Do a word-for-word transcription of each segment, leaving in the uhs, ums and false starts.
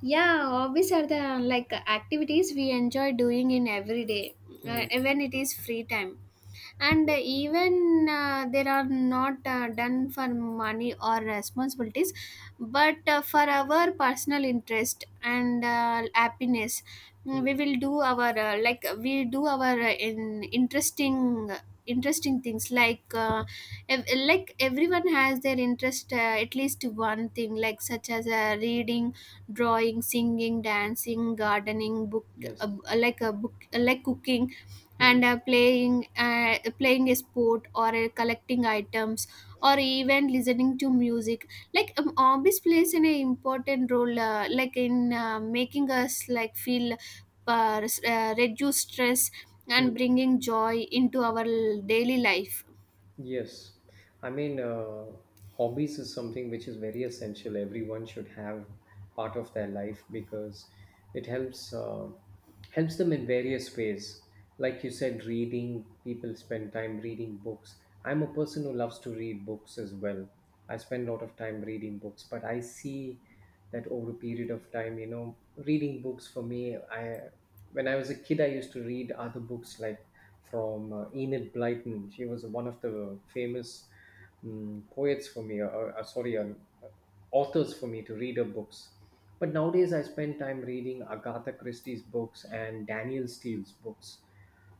Yeah, hobbies are the like activities we enjoy doing in every day, uh, Hmm. even it is free time. And uh, even uh, they are not uh, done for money or responsibilities, but uh, for our personal interest and uh, happiness. Mm, Mm. we will do our uh, like we do our uh, in interesting interesting things like uh, ev- like everyone has their interest, uh, at least one thing like, such as uh, reading, drawing, singing, dancing, gardening, book Yes. uh, like a book, like cooking, Hmm. and uh, playing uh, playing a sport, or uh, collecting items, or even listening to music. Like um, hobbies plays an important role uh, like in uh, making us like feel, uh, s- uh, reduce stress Hmm. and bringing joy into our l- daily life. Yes, I mean, uh, hobbies is something which is very essential. Everyone should have part of their life because it helps uh, helps them in various ways. Like you said, reading. People spend time reading books. I'm a person who loves to read books as well. I spend a lot of time reading books, but I see that over a period of time, you know, reading books for me, I when I was a kid, I used to read other books like from uh, Enid Blyton. She was one of the famous um, poets for me, or, or sorry, uh, authors for me to read her books. But nowadays, I spend time reading Agatha Christie's books and Daniel Steele's books.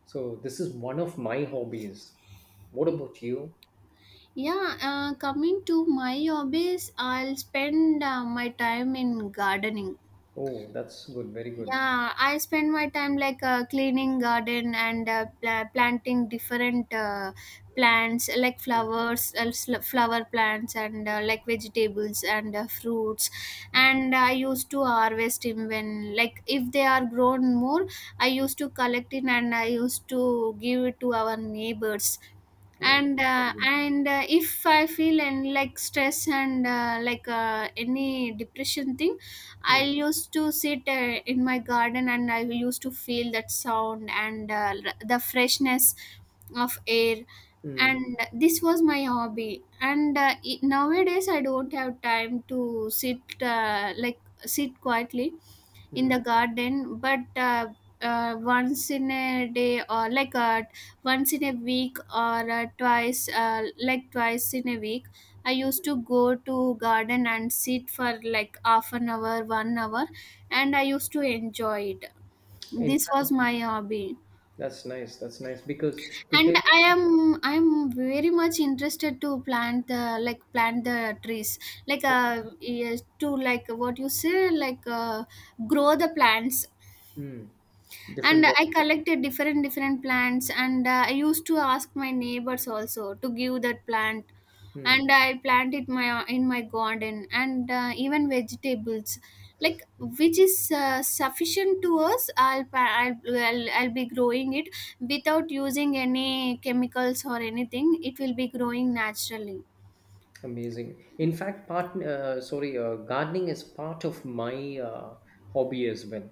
So this is one of my hobbies. What about you? Yeah, uh, coming to my hobbies, I'll spend uh, my time in gardening. Oh, that's good. Very good. Yeah, I spend my time like uh, cleaning garden and uh, pla- planting different uh, plants, like Mm, flowers, uh, sl- flower plants, and uh, like vegetables and uh, fruits. mm. And I used to harvest even when, like, if they are grown more, I used to collect it and I used to give it to our neighbors. Oh, and very uh, good. and uh, if I feel and like stress and uh, like uh, any depression thing, I Mm, used to sit uh, in my garden and I used to feel that sound and uh, r- the freshness of air. mm, And this was my hobby. And uh, i- nowadays I don't have time to sit, uh, like sit quietly in mm. the garden, but uh, uh, once in a day or, like, uh, once in a week, or uh, twice, uh, like twice in a week, I used to go to garden and sit for like half an hour, one hour, and I used to enjoy it. In This was fact, my hobby. that's nice. That's nice because to tell And you, i am i'm very much interested to plant the, like, plant the trees, like, uh, yes, to like what you say, like, uh, grow the plants. mm, different And I varieties. collected different different plants, and uh, I used to ask my neighbors also to give that plant, Hmm. and I planted my in my garden. And uh, even vegetables, like, which is uh, sufficient to us, I'll, pa- I'll I'll I'll be growing it without using any chemicals, or anything. It will be growing naturally. Amazing. In fact, part uh, sorry, uh, gardening is part of my uh, hobby as well.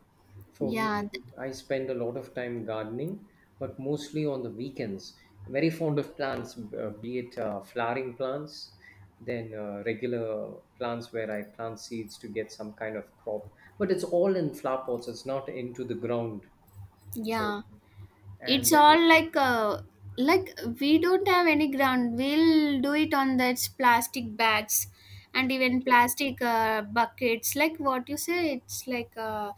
For yeah me, th- I spend a lot of time gardening, but mostly on the weekends. Very fond of plants, uh, be it uh, flowering plants, then uh, regular plants where I plant seeds to get some kind of crop. But it's all in flower pots. It's not into the ground. So, yeah, and it's then, all like, uh, like we don't have any ground. We'll do it on those plastic bags and even okay. plastic uh, buckets. Like what you say, it's like, uh,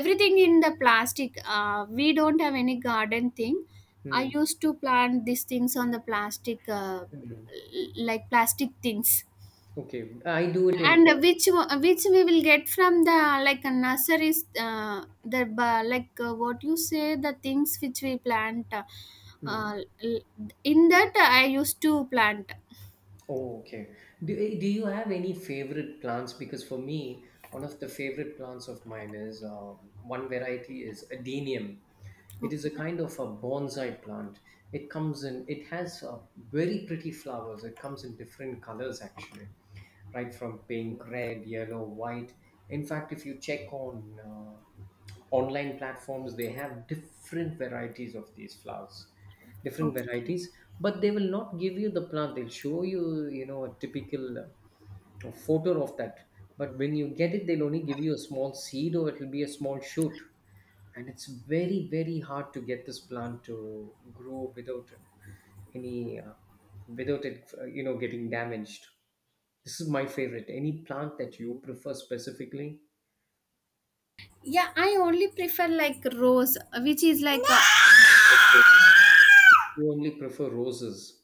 everything in the plastic. Uh, we don't have any garden thing. I Hmm. used to plant these things on the plastic, uh, Hmm. l- like plastic things. Okay. I do it in. And which o- which we will get from the, like, a nursery, uh, the ba- like, uh, what you say, the things which we plant. Uh, Hmm. uh, l- in that I used to plant. Oh, okay. Do, eh, do you have any favorite plants? Because for me, one of the favorite plants of mine is uh, one variety is adenium. It is Okay. a kind of a bonsai plant. It comes in, it has uh, very pretty flowers. It comes in different colors actually, right from pink, red, yellow, white. In fact, if you check on uh, online platforms, they have different varieties of these flowers, different Okay. varieties. But they will not give you the plant. They'll show you you know a typical uh, photo of that. But when you get it, they'll only give you a small seed, or it'll be a small shoot, and it's very very hard to get this plant to grow without any uh, without it uh, you know getting damaged. This is my favorite. Any plant that you prefer specifically? Yeah, I only prefer like rose, which is like a— You only prefer roses.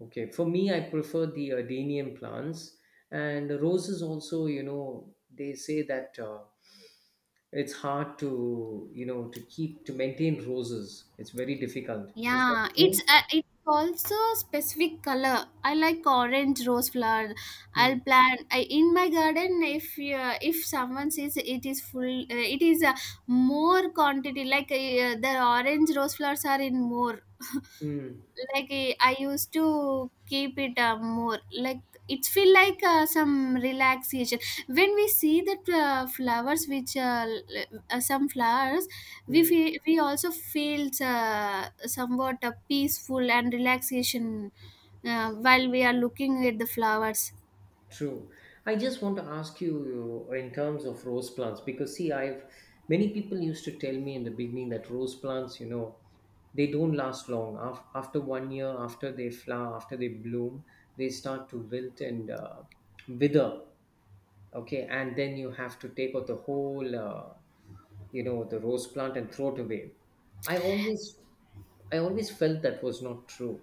Okay, for me, I prefer the Adenium plants and roses also, you know, they say that uh, it's hard to, you know, to keep, to maintain roses. It's very difficult. Is that yeah, it's, true? uh, it's also specific color. I like orange rose flower. I'll Mm, plant, I, in my garden, if, uh, if someone says, it is full, uh, it is, uh, more quantity. Like, uh, the orange rose flowers are in more. mm, Like, eh, I used to keep it, uh, more, like, it feel like, uh, some relaxation when we see that, uh, flowers, which, uh, l- uh, some flowers we mm. feel, we also feel, uh, somewhat, uh, peaceful, and relaxation uh, while we are looking at the flowers. True. I just want to ask you in terms of rose plants because see, I've many people used to tell me in the beginning that rose plants, you know, they don't last long. Af- After one year, after they flower, after they bloom, they start to wilt and uh, wither. Okay, and then you have to take out the whole, uh, you know, the rose plant and throw it away. I always, I always felt that was not true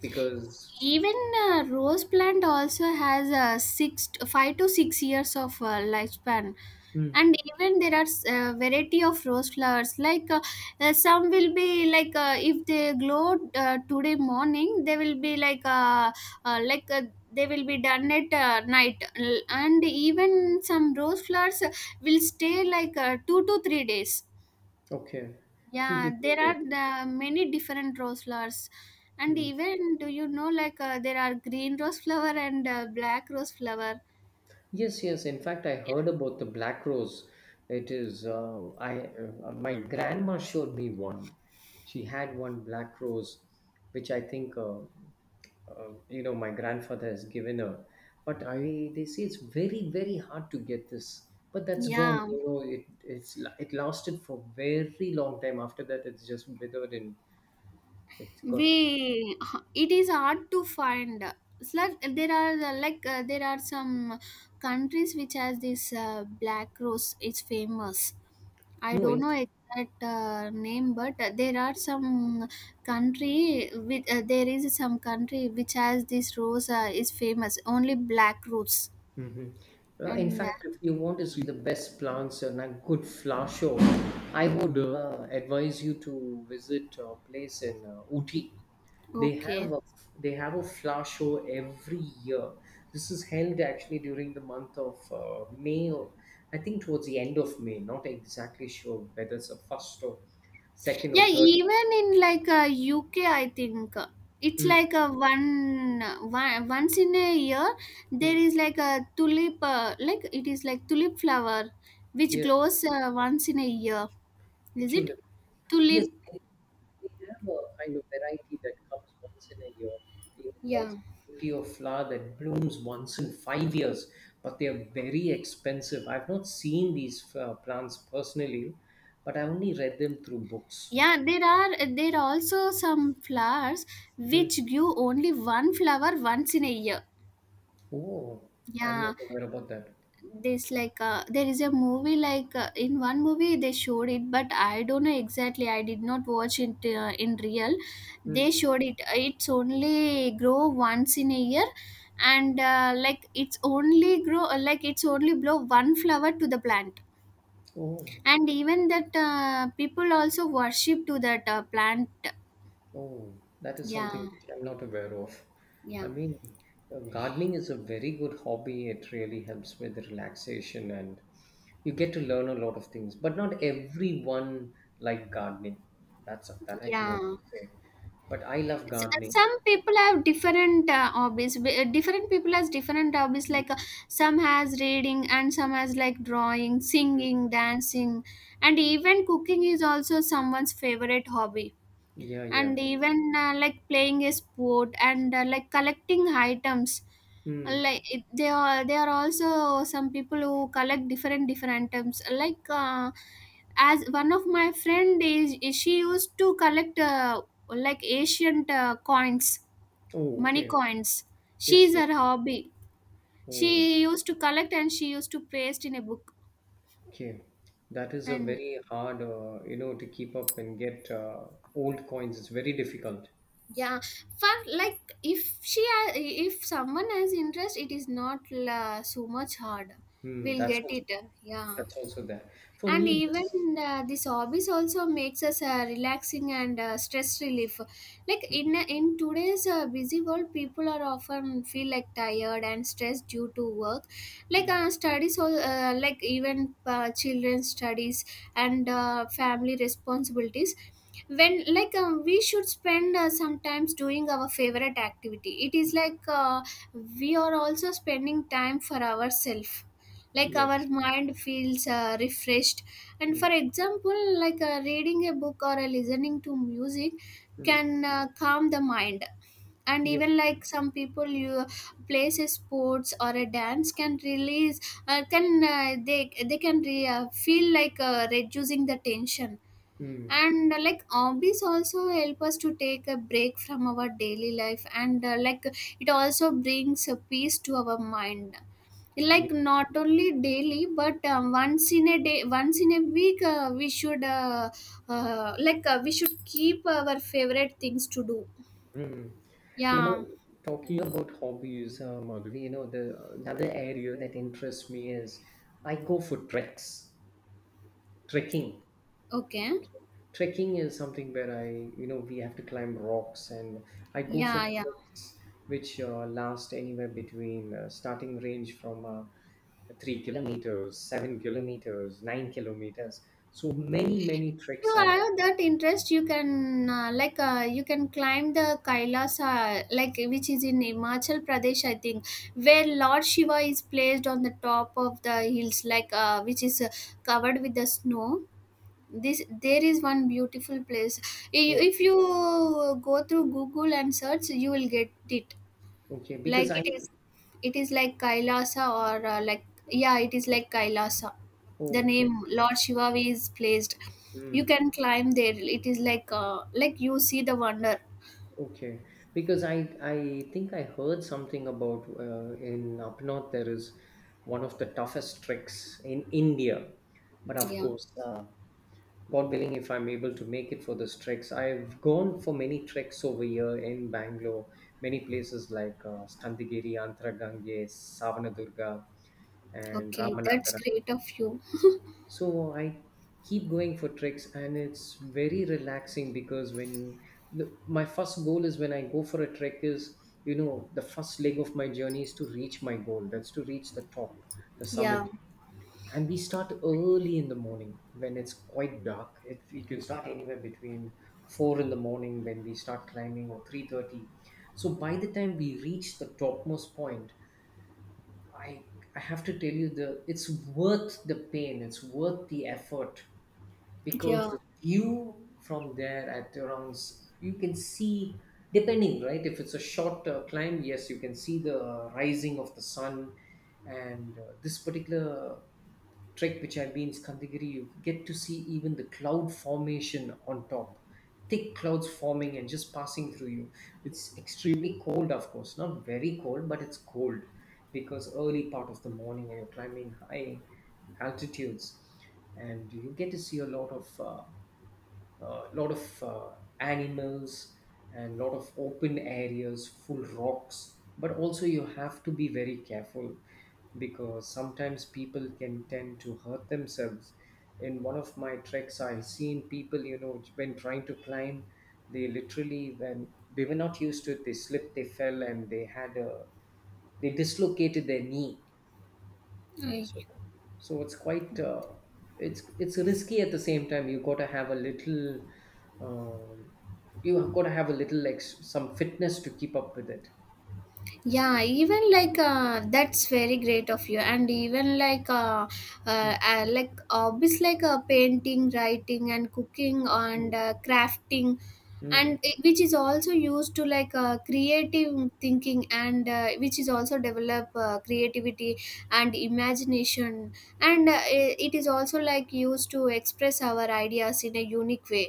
because, Even, uh, rose plant also has a six five to six years of uh, lifespan. Hmm. And even there are, uh, variety of rose flowers, like, uh, uh, some will be like, uh, if they glow, uh, today morning, they will be like, uh, uh, like uh, they will be done at uh, night. L- and even some rose flowers uh, will stay like, uh, two to three days. Okay, two to Yeah, three there days. are the many different rose flowers. And Hmm. even, do you know, like, uh, there are green rose flower and uh, black rose flower. Yes, yes. In fact, I Yeah. heard about the black rose. It is, uh, I, uh, my grandma showed me one. She had one black rose, which I think, uh, uh, you know, my grandfather has given her. But I, they say it's very, very hard to get this. But that's gone. Yeah, You know, it it's it lasted for very long time. After that, it's just withered and it's got we It is hard to find. It's like, there are, uh, like uh, there are some countries which has this uh, black rose. It's famous. I no. don't In. know exact uh, name, but there are some country with, uh, there is some country which has this rose uh, is famous only black rose. Mhm. Well, in And uh, fact, if you want to see the best plants and a good flower show, I would uh, advise you to visit a place in uh, Ooty. They okay. have a they have a flower show every year. This is held actually during the month of uh, May, or I think towards the end of May. Not exactly sure whether it's a first or second Yeah, or third. even in, like, uh, U K, I think, uh, it's Mm, like a one, one once in a year there mm. is like a tulip, uh, like, it is like tulip flower which Yes, glows, uh, once in a year. Is it tulip. Yes, tulip? they have a kind of variety that comes once in a year. Even Yeah. there's a variety of flower that blooms once in five years, but they are very expensive. I've not seen these uh, plants personally, but I only read them through books. Yeah, there are there are also some flowers Hmm. which give only one flower once in a year. Oh, I'm Yeah, not aware about that. this like, uh, there is a movie, like, uh, in one movie they showed it, but I don't know exactly. I did not watch it uh, in real. Hmm. They showed it. uh, It's only grow once in a year, and uh, like, it's only grow, uh, like, it's only blow one flower to the plant, Oh, and even that, uh, people also worship to that uh, plant. oh, that is Yeah, something which I'm not aware of. yeah. I mean, uh, gardening is a very good hobby. It really helps with relaxation and you get to learn a lot of things, but not everyone like gardening, that's that I can also Yeah. say, but I love S- uh, gardening. Some people have different uh, hobbies. B- uh, Different people has different hobbies. Mm. Like, uh, some has reading, and some has like drawing, Mm. singing, dancing, and even cooking is also someone's favorite hobby. Yeah, And yeah, even, uh, like playing a sport, and uh, like collecting items, mm. like it, they are, there are also some people who collect different different items, like, uh, as one of my friend is, is she used to collect, uh, like ancient uh, coins, Oh, money okay. coins. She Yes, is, yes. her hobby. Oh, She used to collect and she used to paste in a book. okay. That is a And very hard uh, you know to keep up and get uh, old coins, it's very difficult. yeah, for, like, if she ha- if someone has interest, it is not la, so much hard, Hmm. we'll That's get also, it, uh, yeah. that's also there. For And me even, this. uh, this hobbies also makes us, uh, relaxing and uh, stress relief, like Hmm. in, uh, in today's, uh, busy world, people are often feel like tired and stressed due to work, like, Mm. uh, studies al- uh, like even, uh, children's studies and uh, family responsibilities. When like, uh, we should spend, uh, sometimes doing our favorite activity, it is like, uh, we are also spending time for ourselves, like our Yes. mind feels, uh, refreshed. And Hmm. for example, like, uh, reading a book or uh, listening to music Mm. can uh, calm the mind. And even Yes. like some people, you, plays a sports or a dance can release, uh, can uh, they they can, re- uh, feel like, uh, reducing the tension. Mm. And uh, like hobbies also help us to take a break from our daily life, and uh, like it also brings a peace to our mind. Yeah. Like not only daily, but um, once in a day, once in a week, uh, we should, uh, uh, like uh, we should keep our favorite things to do. Hmm. You Yeah. know, talking about hobbies, uh, Madhavi, you know, the another area that interests me is I go for treks, trekking. Okay. Trekking is something where I, you know, we have to climb rocks, and I go for Yeah, yeah. treks which uh, last anywhere between uh, starting range from uh, three kilometers, seven kilometers, nine kilometers. So many, many You treks I've. have that interest, you can, uh, like uh, you can climb the Kailasa, like which is in Himachal Pradesh, I think, where Lord Shiva is placed on the top of the hills, like, uh, which is, uh, covered with the snow. This, there is one beautiful place. I- Oh, If you go through Google and search, you will get it. okay, because Like I. it is, it is like Kailasa, or, uh, like, yeah, it is like Kailasa. The Oh, okay. name Lord Shiva is placed. You Hmm. can climb there. It is like, uh, like you see the wonder. Okay, because I I think I heard something about uh, in up north there is one of the toughest treks in India, but of Yeah, course, uh, God willing, if I'm able to make it for this treks, I've gone for many treks over here in Bangalore, many places like uh, Skandagiri, Antragange, Savanadurga, and okay, that's Ramanagara. great of you. So I keep going for treks, and it's very relaxing because when the, my first goal is when I go for a trek is you know the first leg of my journey is to reach my goal. That's to reach the top, the summit. Yeah, And we start early in the morning when it's quite dark. It, we can start anywhere between four in the morning when we start climbing or three thirty. So by the time we reach the topmost point, I I have to tell you the it's worth the pain. It's worth the effort because yeah. the view from there at around s- you can see, depending right, if it's a short uh, climb, yes, you can see the rising of the sun. And uh, this particular trek which I've been Skandagiri, you get to see even the cloud formation on top, thick clouds forming and just passing through you. It's extremely cold, of course not very cold, but it's cold because early part of the morning and you're climbing high altitudes. And you get to see a lot of uh, a lot of uh, animals and lot of open areas full rocks, but also you have to be very careful because sometimes people can tend to hurt themselves. In one of my treks I seen people you know when trying to climb, they literally, when they were not used to it, they slipped, they fell, and they had a they dislocated their knee. Uh, So, so it's quite uh, it's it's risky at the same time. You got to have a little, um, you have got to have a little like s- some fitness to keep up with it. yeah, even like, uh, that's very great of you. And even like, uh, Mm. uh, uh, like hobbies like, uh, painting, writing, and cooking, and Mm. uh, crafting, Mm. and it- which is also used to, like, uh, creative thinking, and uh, which is also develop uh, creativity and imagination. And uh, it, it is also like used to express our ideas in a unique way.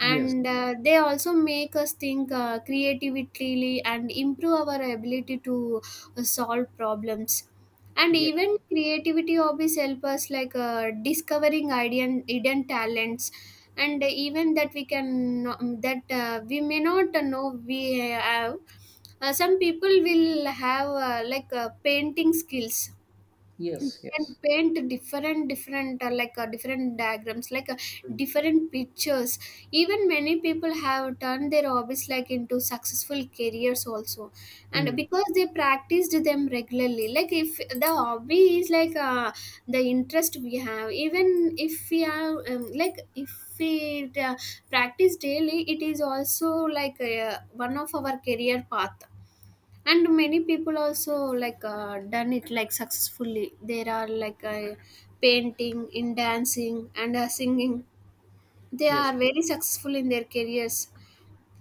Yes, uh, they also make us think uh, creatively, and improve our ability to uh, solve problems. And yes, even creativity hobbies help us like uh, discovering hidden hidden talents, and even that we can, um, that, uh, we may not know we have. Uh, some people will have, uh, like uh, painting skills. You yes, can yes. paint different different uh, like uh, different diagrams, like, uh, Mm. different pictures. Even many people have turned their hobbies, like, into successful careers also, and Mm. because they practiced them regularly, like, if the hobby is like, uh, the interest we have, even if we have, um, like if we, uh, practice daily, it is also, like, uh, one of our career path. And many people also, like, uh, done it like successfully. There are like, uh, painting, in dancing, and uh, singing. They Yes. are very successful in their careers.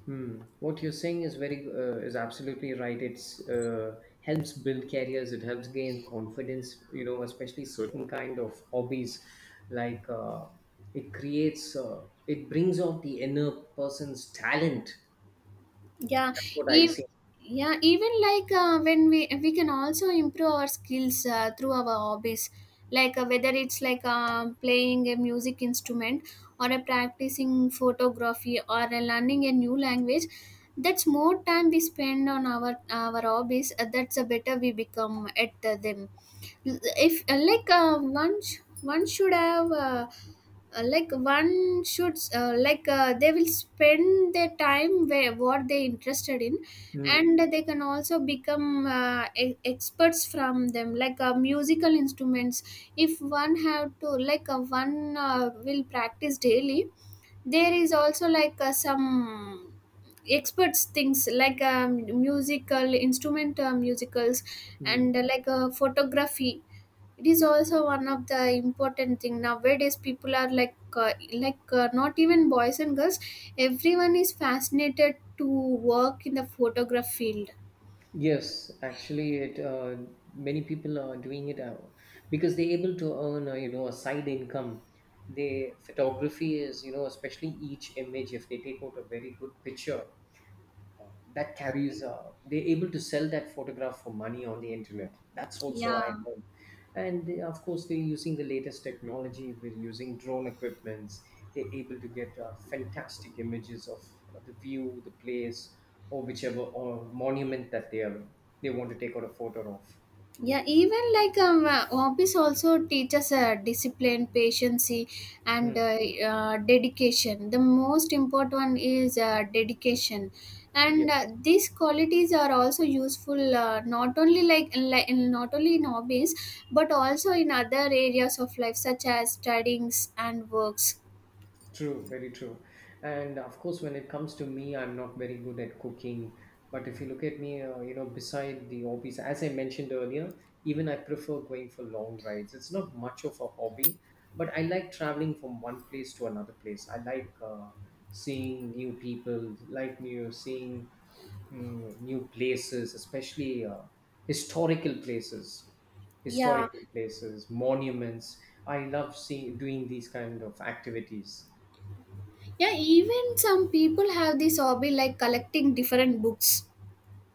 Hmm. What you're saying is very uh, is absolutely right. It's uh, helps build careers. It helps gain confidence. You know, especially certain kind of hobbies, like uh, it creates uh, it brings out the inner person's talent. yeah That's what I e- see. yeah even like uh, when we we can also improve our skills uh, through our hobbies like uh, whether it's like um playing a music instrument or a practicing photography or a learning a new language that's more time we spend on our our hobbies, uh, that's the better we become at uh, them. If uh, like uh, one sh- one should have uh, uh, like one should uh, like uh, they will spend their time where what they interested in, Hmm. and they can also become uh, e- experts from them like uh, musical instruments. If one have to like uh, one uh, will practice daily. There is also like uh, some experts things like um, musical instrument, uh, musicals Hmm. and uh, like uh, photography. It is also one of the important thing nowadays. People are like uh, like uh, not even boys and girls, everyone is fascinated to work in the photograph field. Yes, actually, it uh, many people are doing it out because they're able to earn uh, you know a side income. They photography is you know especially each image if they take out a very good picture that carries uh, they're able to sell that photograph for money on the internet, that's also I Yeah, heard. And they, of course they're using the latest technology, we're using drone equipments, they're able to get uh, fantastic images of uh, the view, the place, or whichever or monument that they are, they want to take out a photo of. yeah even like um uh, hobbies also teaches uh, discipline, patience, Hmm. and uh, uh, dedication. The most important one is uh, dedication, Yeah. and uh, these qualities are also useful, uh, not only like, like not only in hobbies but also in other areas of life such as studies and works. True, very true. And of course, when it comes to me, I'm not very good at cooking. But if you look at me, uh, you know, beside the hobbies, as I mentioned earlier, even I prefer going for long rides. It's not much of a hobby, but I like traveling from one place to another place. I like uh, seeing new people, like new seeing mm, new places, especially uh, historical places, Yeah, historical places, monuments. I love seeing doing these kind of activities. yeah even some people have this hobby like collecting different books.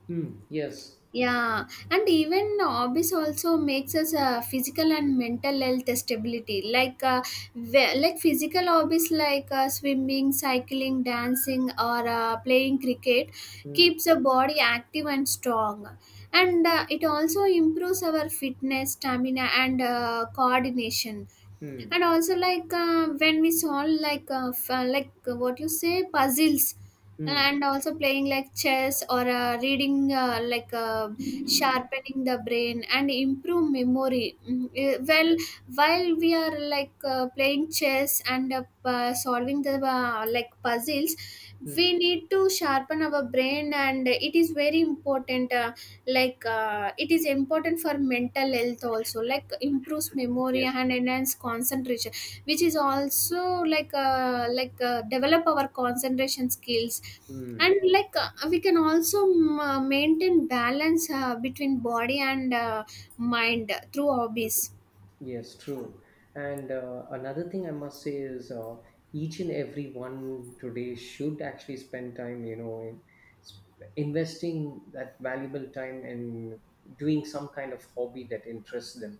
Hmm. Yes. Yeah, and even hobbies also makes us uh, physical and mental health stability. Like uh, ve- like physical hobbies like uh, swimming, cycling, dancing, or uh, playing cricket Hmm. keeps the body active and strong, and uh, it also improves our fitness, stamina, and uh, coordination. Hmm. And also like uh, when we solve like uh, f- uh, like uh, what you say, puzzles, Hmm. and also playing like chess or uh, reading, uh, like uh, sharpening the brain and improve memory. Mm, eh, well, Yes. while we are like uh, playing chess and uh, p- uh, solving the uh, like puzzles, Hmm. we need to sharpen our brain and it is very important. Uh, like uh, it is important for mental health also, like improves memory Yes. and enhance concentration, which is also like uh, like uh, develop our concentration skills. And Hmm. like uh, we can also um, uh, maintain balance uh, between body and uh, mind through hobbies. Yes. True. And uh, another thing I must say is, uh, each and every one today should actually spend time, you know, in sp- investing that valuable time in doing some kind of hobby that interests them.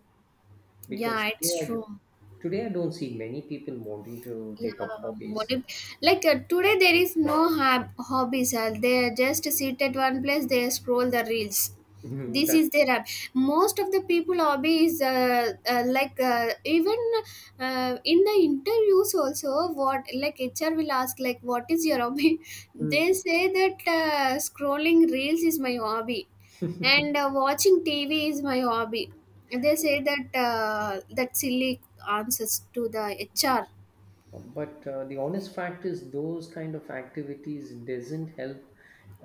Because Yeah, it's today, I, do- true. today I don't see many people wanting to Yeah, take up what hobbies. if, like uh, today there is no hab- hobbies. Uh, they just sit at one place. They scroll the reels. This That's. is their hab- most of the people hobby is uh, uh, like uh, even uh, in the interviews also what like H R will ask like what is your hobby? Hmm. They say that uh, scrolling reels is my hobby, and uh, watching T V is my hobby. They say that uh, that silly answers to the H R. but uh, the honest fact is those kind of activities doesn't help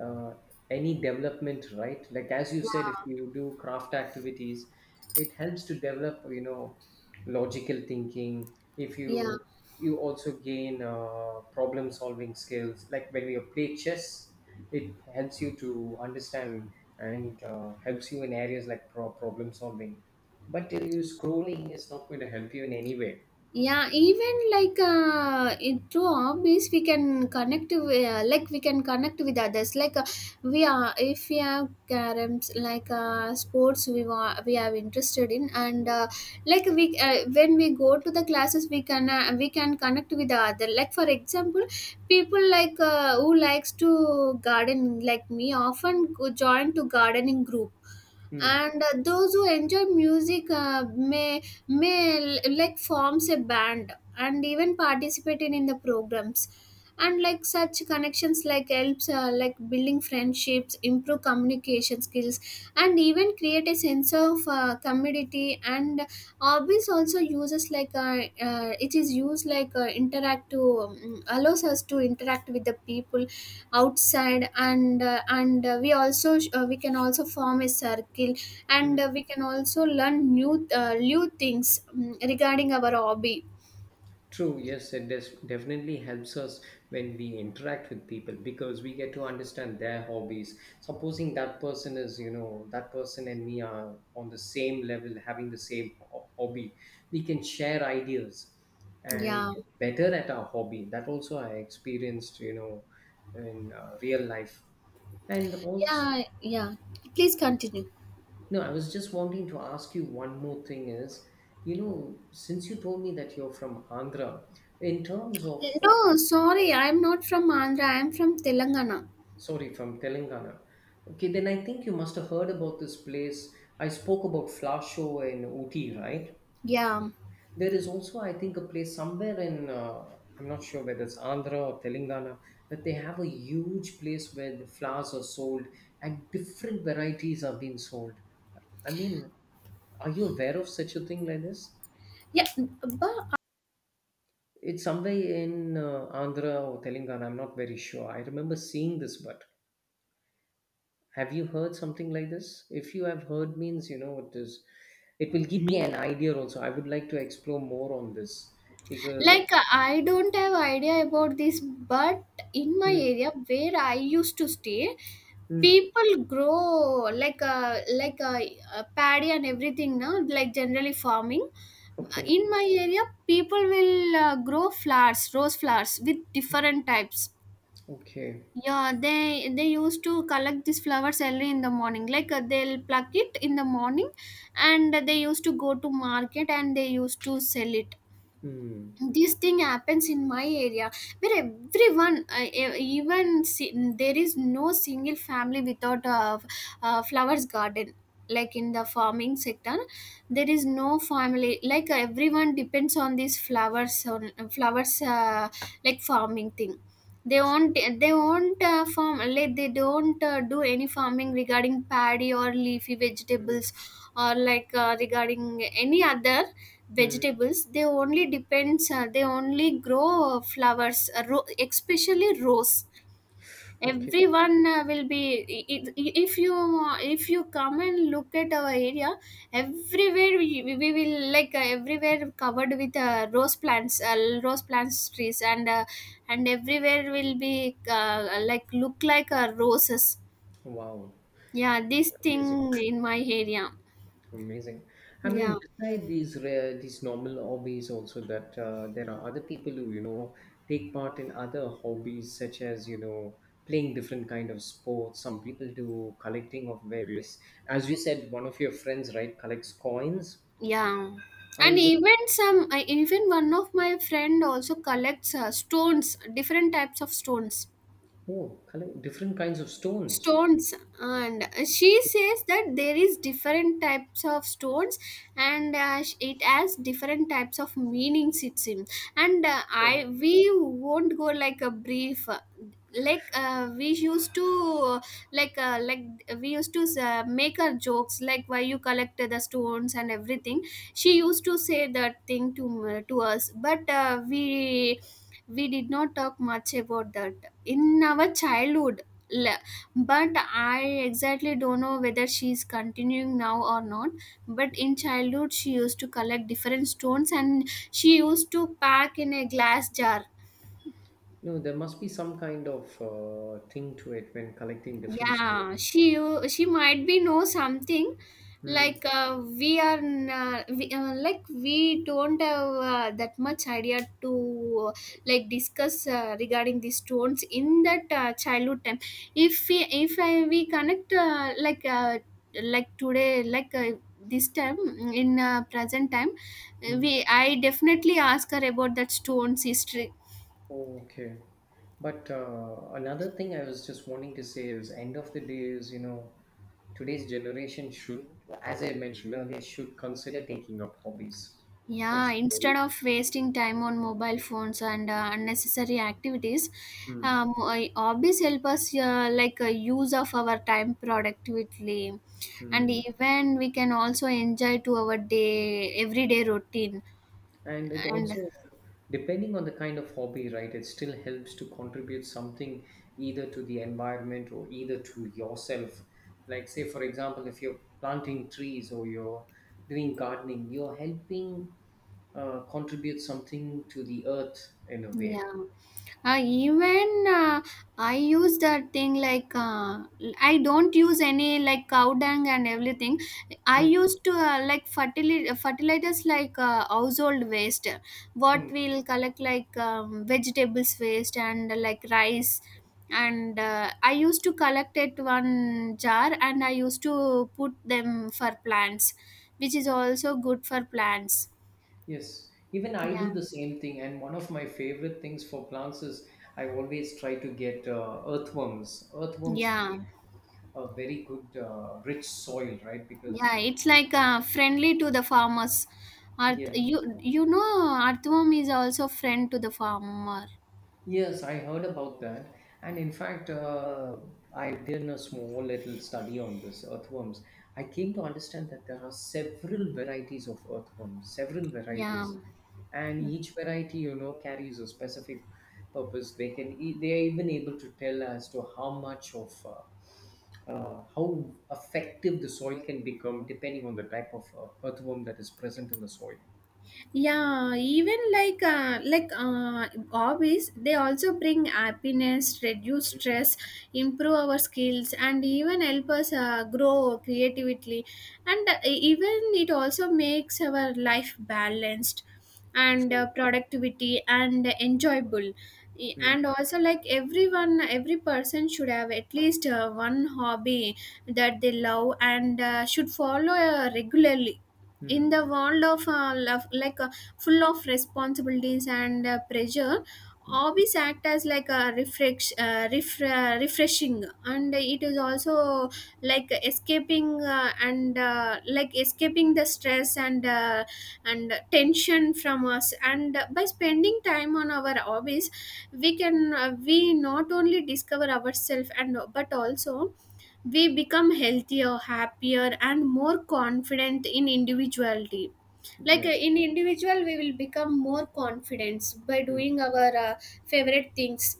uh, any development, right? Like as you said, if Yeah. you do craft activities, it helps to develop, you know, logical thinking. If Yeah, you you also gain uh, problem solving skills, like when you play chess, it helps you to understand and uh, helps you in areas like pro- problem solving. But uh, you scrolling is not going to help you in any way. yeah. Even like uh, in, through hobbies, we can connect with, uh, like we can connect with others. Like uh, we are, if we have caroms, like uh, sports, we want we are interested in, and uh, like we uh, when we go to the classes, we can uh, we can connect with the other. Like for example, people like uh, who likes to garden, like me, often go- join to gardening group, Hmm. and uh, those who enjoy music uh, may may l- like forms a band and even participating in the programs. And like such connections like helps, uh, like building friendships, improve communication skills, and even create a sense of uh, community. And hobbies also uses like uh, uh, it is used like uh, interact to, um, allows us to interact with the people outside. And uh, and uh, we also uh, we can also form a circle, Hmm. and uh, we can also learn new uh, new things, mm, regarding our hobby. True, yes, it des- definitely helps us when we interact with people, because we get to understand their hobbies. Supposing that person is, you know, that person and me are on the same level, having the same ho- hobby, we can share ideas and Yeah. get better at our hobby. That also I experienced, you know, in uh, real life. And also, yeah yeah Please continue. no, I was just wanting to ask you one more thing is, you know, since you told me that you're from Andhra, in terms of Yeah, uh, no, sorry, I'm not from Andhra, I'm from Telangana. sorry, from Telangana. Okay, then I think you must have heard about this place. I spoke about Flasho in Uti, right? Yeah. There is also, I think, a place somewhere in, uh, I'm not sure whether it's Andhra or Telangana, that they have a huge place where the flowers are sold and different varieties are being sold. I mean, are you aware of such a thing like this? yeah but It's somewhere in uh, Andhra or Telangana, I'm not very sure. I remember seeing this, but have you heard something like this? If you have heard, means you know what this. It will give me an idea also. I would like to explore more on this because. like uh, I don't have idea about this, but in my Hmm. area where I used to stay, Hmm. people grow like uh, like uh, uh, paddy and everything. Now, like generally farming. Okay. In my area, people will uh, grow flowers, rose flowers with different types. Okay. Yeah, they they used to collect these flowers early in the morning. Like uh, they'll pluck it in the morning, and they used to go to market and they used to sell it. Hmm. This thing happens in my area where everyone, uh, e- even si- there is no single family without a, a flowers garden. Like in the farming sector, there is no family, like everyone depends on these flowers, on flowers, uh, like farming thing. they won't they won't uh, farm, like they don't uh, do any farming regarding paddy or leafy Hmm. vegetables or like uh, regarding any other Hmm. vegetables. They only depends uh, they only grow uh, flowers, uh, ro- especially rose. Okay. Everyone uh, will be, i- i- if you, if you come and look at our area, everywhere we, we will like uh, everywhere covered with uh, rose plants, uh, rose plants trees, and uh, and everywhere will be uh, like look like uh, roses. Wow. Yeah, this Amazing. thing in my area. Amazing. I Yeah. mean, beside these rare, these normal hobbies, also that uh, there are other people who, you know, take part in other hobbies, such as, you know, playing different kind of sports. Some people do collecting of various. As you said, one of your friends, right, collects coins. yeah and I even some, I even one of my friend also collects uh, stones, different types of stones oh, collect different kinds of stones. stones And she says that there is different types of stones, and uh, sh- it has different types of meanings it's in. And uh, I Oh, we won't go like a brief, uh, like uh, we used to, like uh, like we used to uh, make our jokes, like why you collected the stones and everything. She used to say that thing to m- to us, but uh, we we did not talk much about that in our childhood. But I exactly don't know whether she is continuing now or not, but in childhood she used to collect different stones and she used to pack in a glass jar. no, there must be some kind of uh, thing to it when collecting different stones. Yeah, she u- she might be know something. Hmm. Like uh, we are n- uh, we, uh, like we don't have uh, that much idea to uh, like discuss uh, regarding these stones in that uh, childhood time. If we, if I, we connect, uh, like uh, like today, like uh, this time, in uh, present time, uh, Hmm. we I definitely ask her about that stones history. Okay. But uh, another thing I was just wanting to say is, end of the day is, you know, today's generation should, as I mentioned earlier, should consider taking up hobbies. Yeah, It's instead very, of wasting time on mobile phones and uh, unnecessary activities, hmm. um, I- hobbies help us, uh, like uh, use of our time productively, and Hmm. even we can also enjoy to our day everyday routine. And it And also, depending on the kind of hobby, right, it still helps to contribute something either to the environment or either to yourself. Like, say, for example, if you're planting trees or you're doing gardening, you're helping uh, contribute something to the earth in a yeah. way. Uh, even uh, I use that thing like uh, I don't use any like cow dung and everything. I Mm. used to uh, like fertili- fertilizers like uh, household waste, what Mm. we'll collect like um, vegetables waste and uh, like rice. And uh, I used to collect it one jar and I used to put them for plants, which is also good for plants. Yes, even I do Yeah. the same thing. And one of my favorite things for plants is I always try to get uh, earthworms. Earthworms create Yeah. a very good, uh, rich soil, right? Yeah, Because, it's like uh, friendly to the farmers. Earth, yes. you you know, earthworm is also friend to the farmer. Yes, I heard about that. And in fact, uh, I did a small little study on this earthworms. I came to understand that there are several varieties of earthworms, several Yeah. varieties. And each variety, you know, carries a specific purpose. They can, e- they are even able to tell as to how much of, uh, uh, how effective the soil can become depending on the type of uh, earthworm that is present in the soil. Yeah, even like uh, like uh, hobbies they also bring happiness, reduce stress, improve our skills, and even help us uh, grow creatively. And uh, even it also makes our life balanced and uh, True. productivity and enjoyable. E- Mm. And also, like everyone, every person should have at least uh, one hobby that they love and uh, should follow uh, regularly. In Mm. the world of uh, love, like uh, full of responsibilities and uh, pressure, hobbies act as like a refresh, uh, ref, uh, refreshing, and it is also like escaping, uh, and uh, like escaping the stress and uh, and tension from us. And by spending time on our hobbies, we can uh, we not only discover ourselves and but also we become healthier, happier, and more confident in individuality. Like uh, Yes. in individual, we will become more confident by Hmm. doing our uh, favorite things.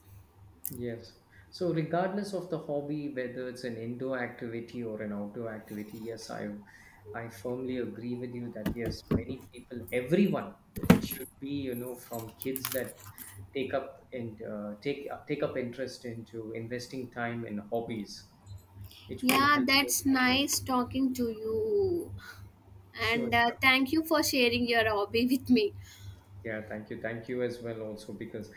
Yes. So regardless of the hobby, whether it's an indoor activity or an outdoor activity, yes, I I firmly agree with you that yes, many people, everyone, it should be, you know, from kids that take up and uh, take uh, take up interest into investing time in hobbies. It will Yeah, help them. that's nice talking to you, Sure. and uh, Sure. thank you for sharing your hobby with me. Yeah. Thank you. Thank you as well also because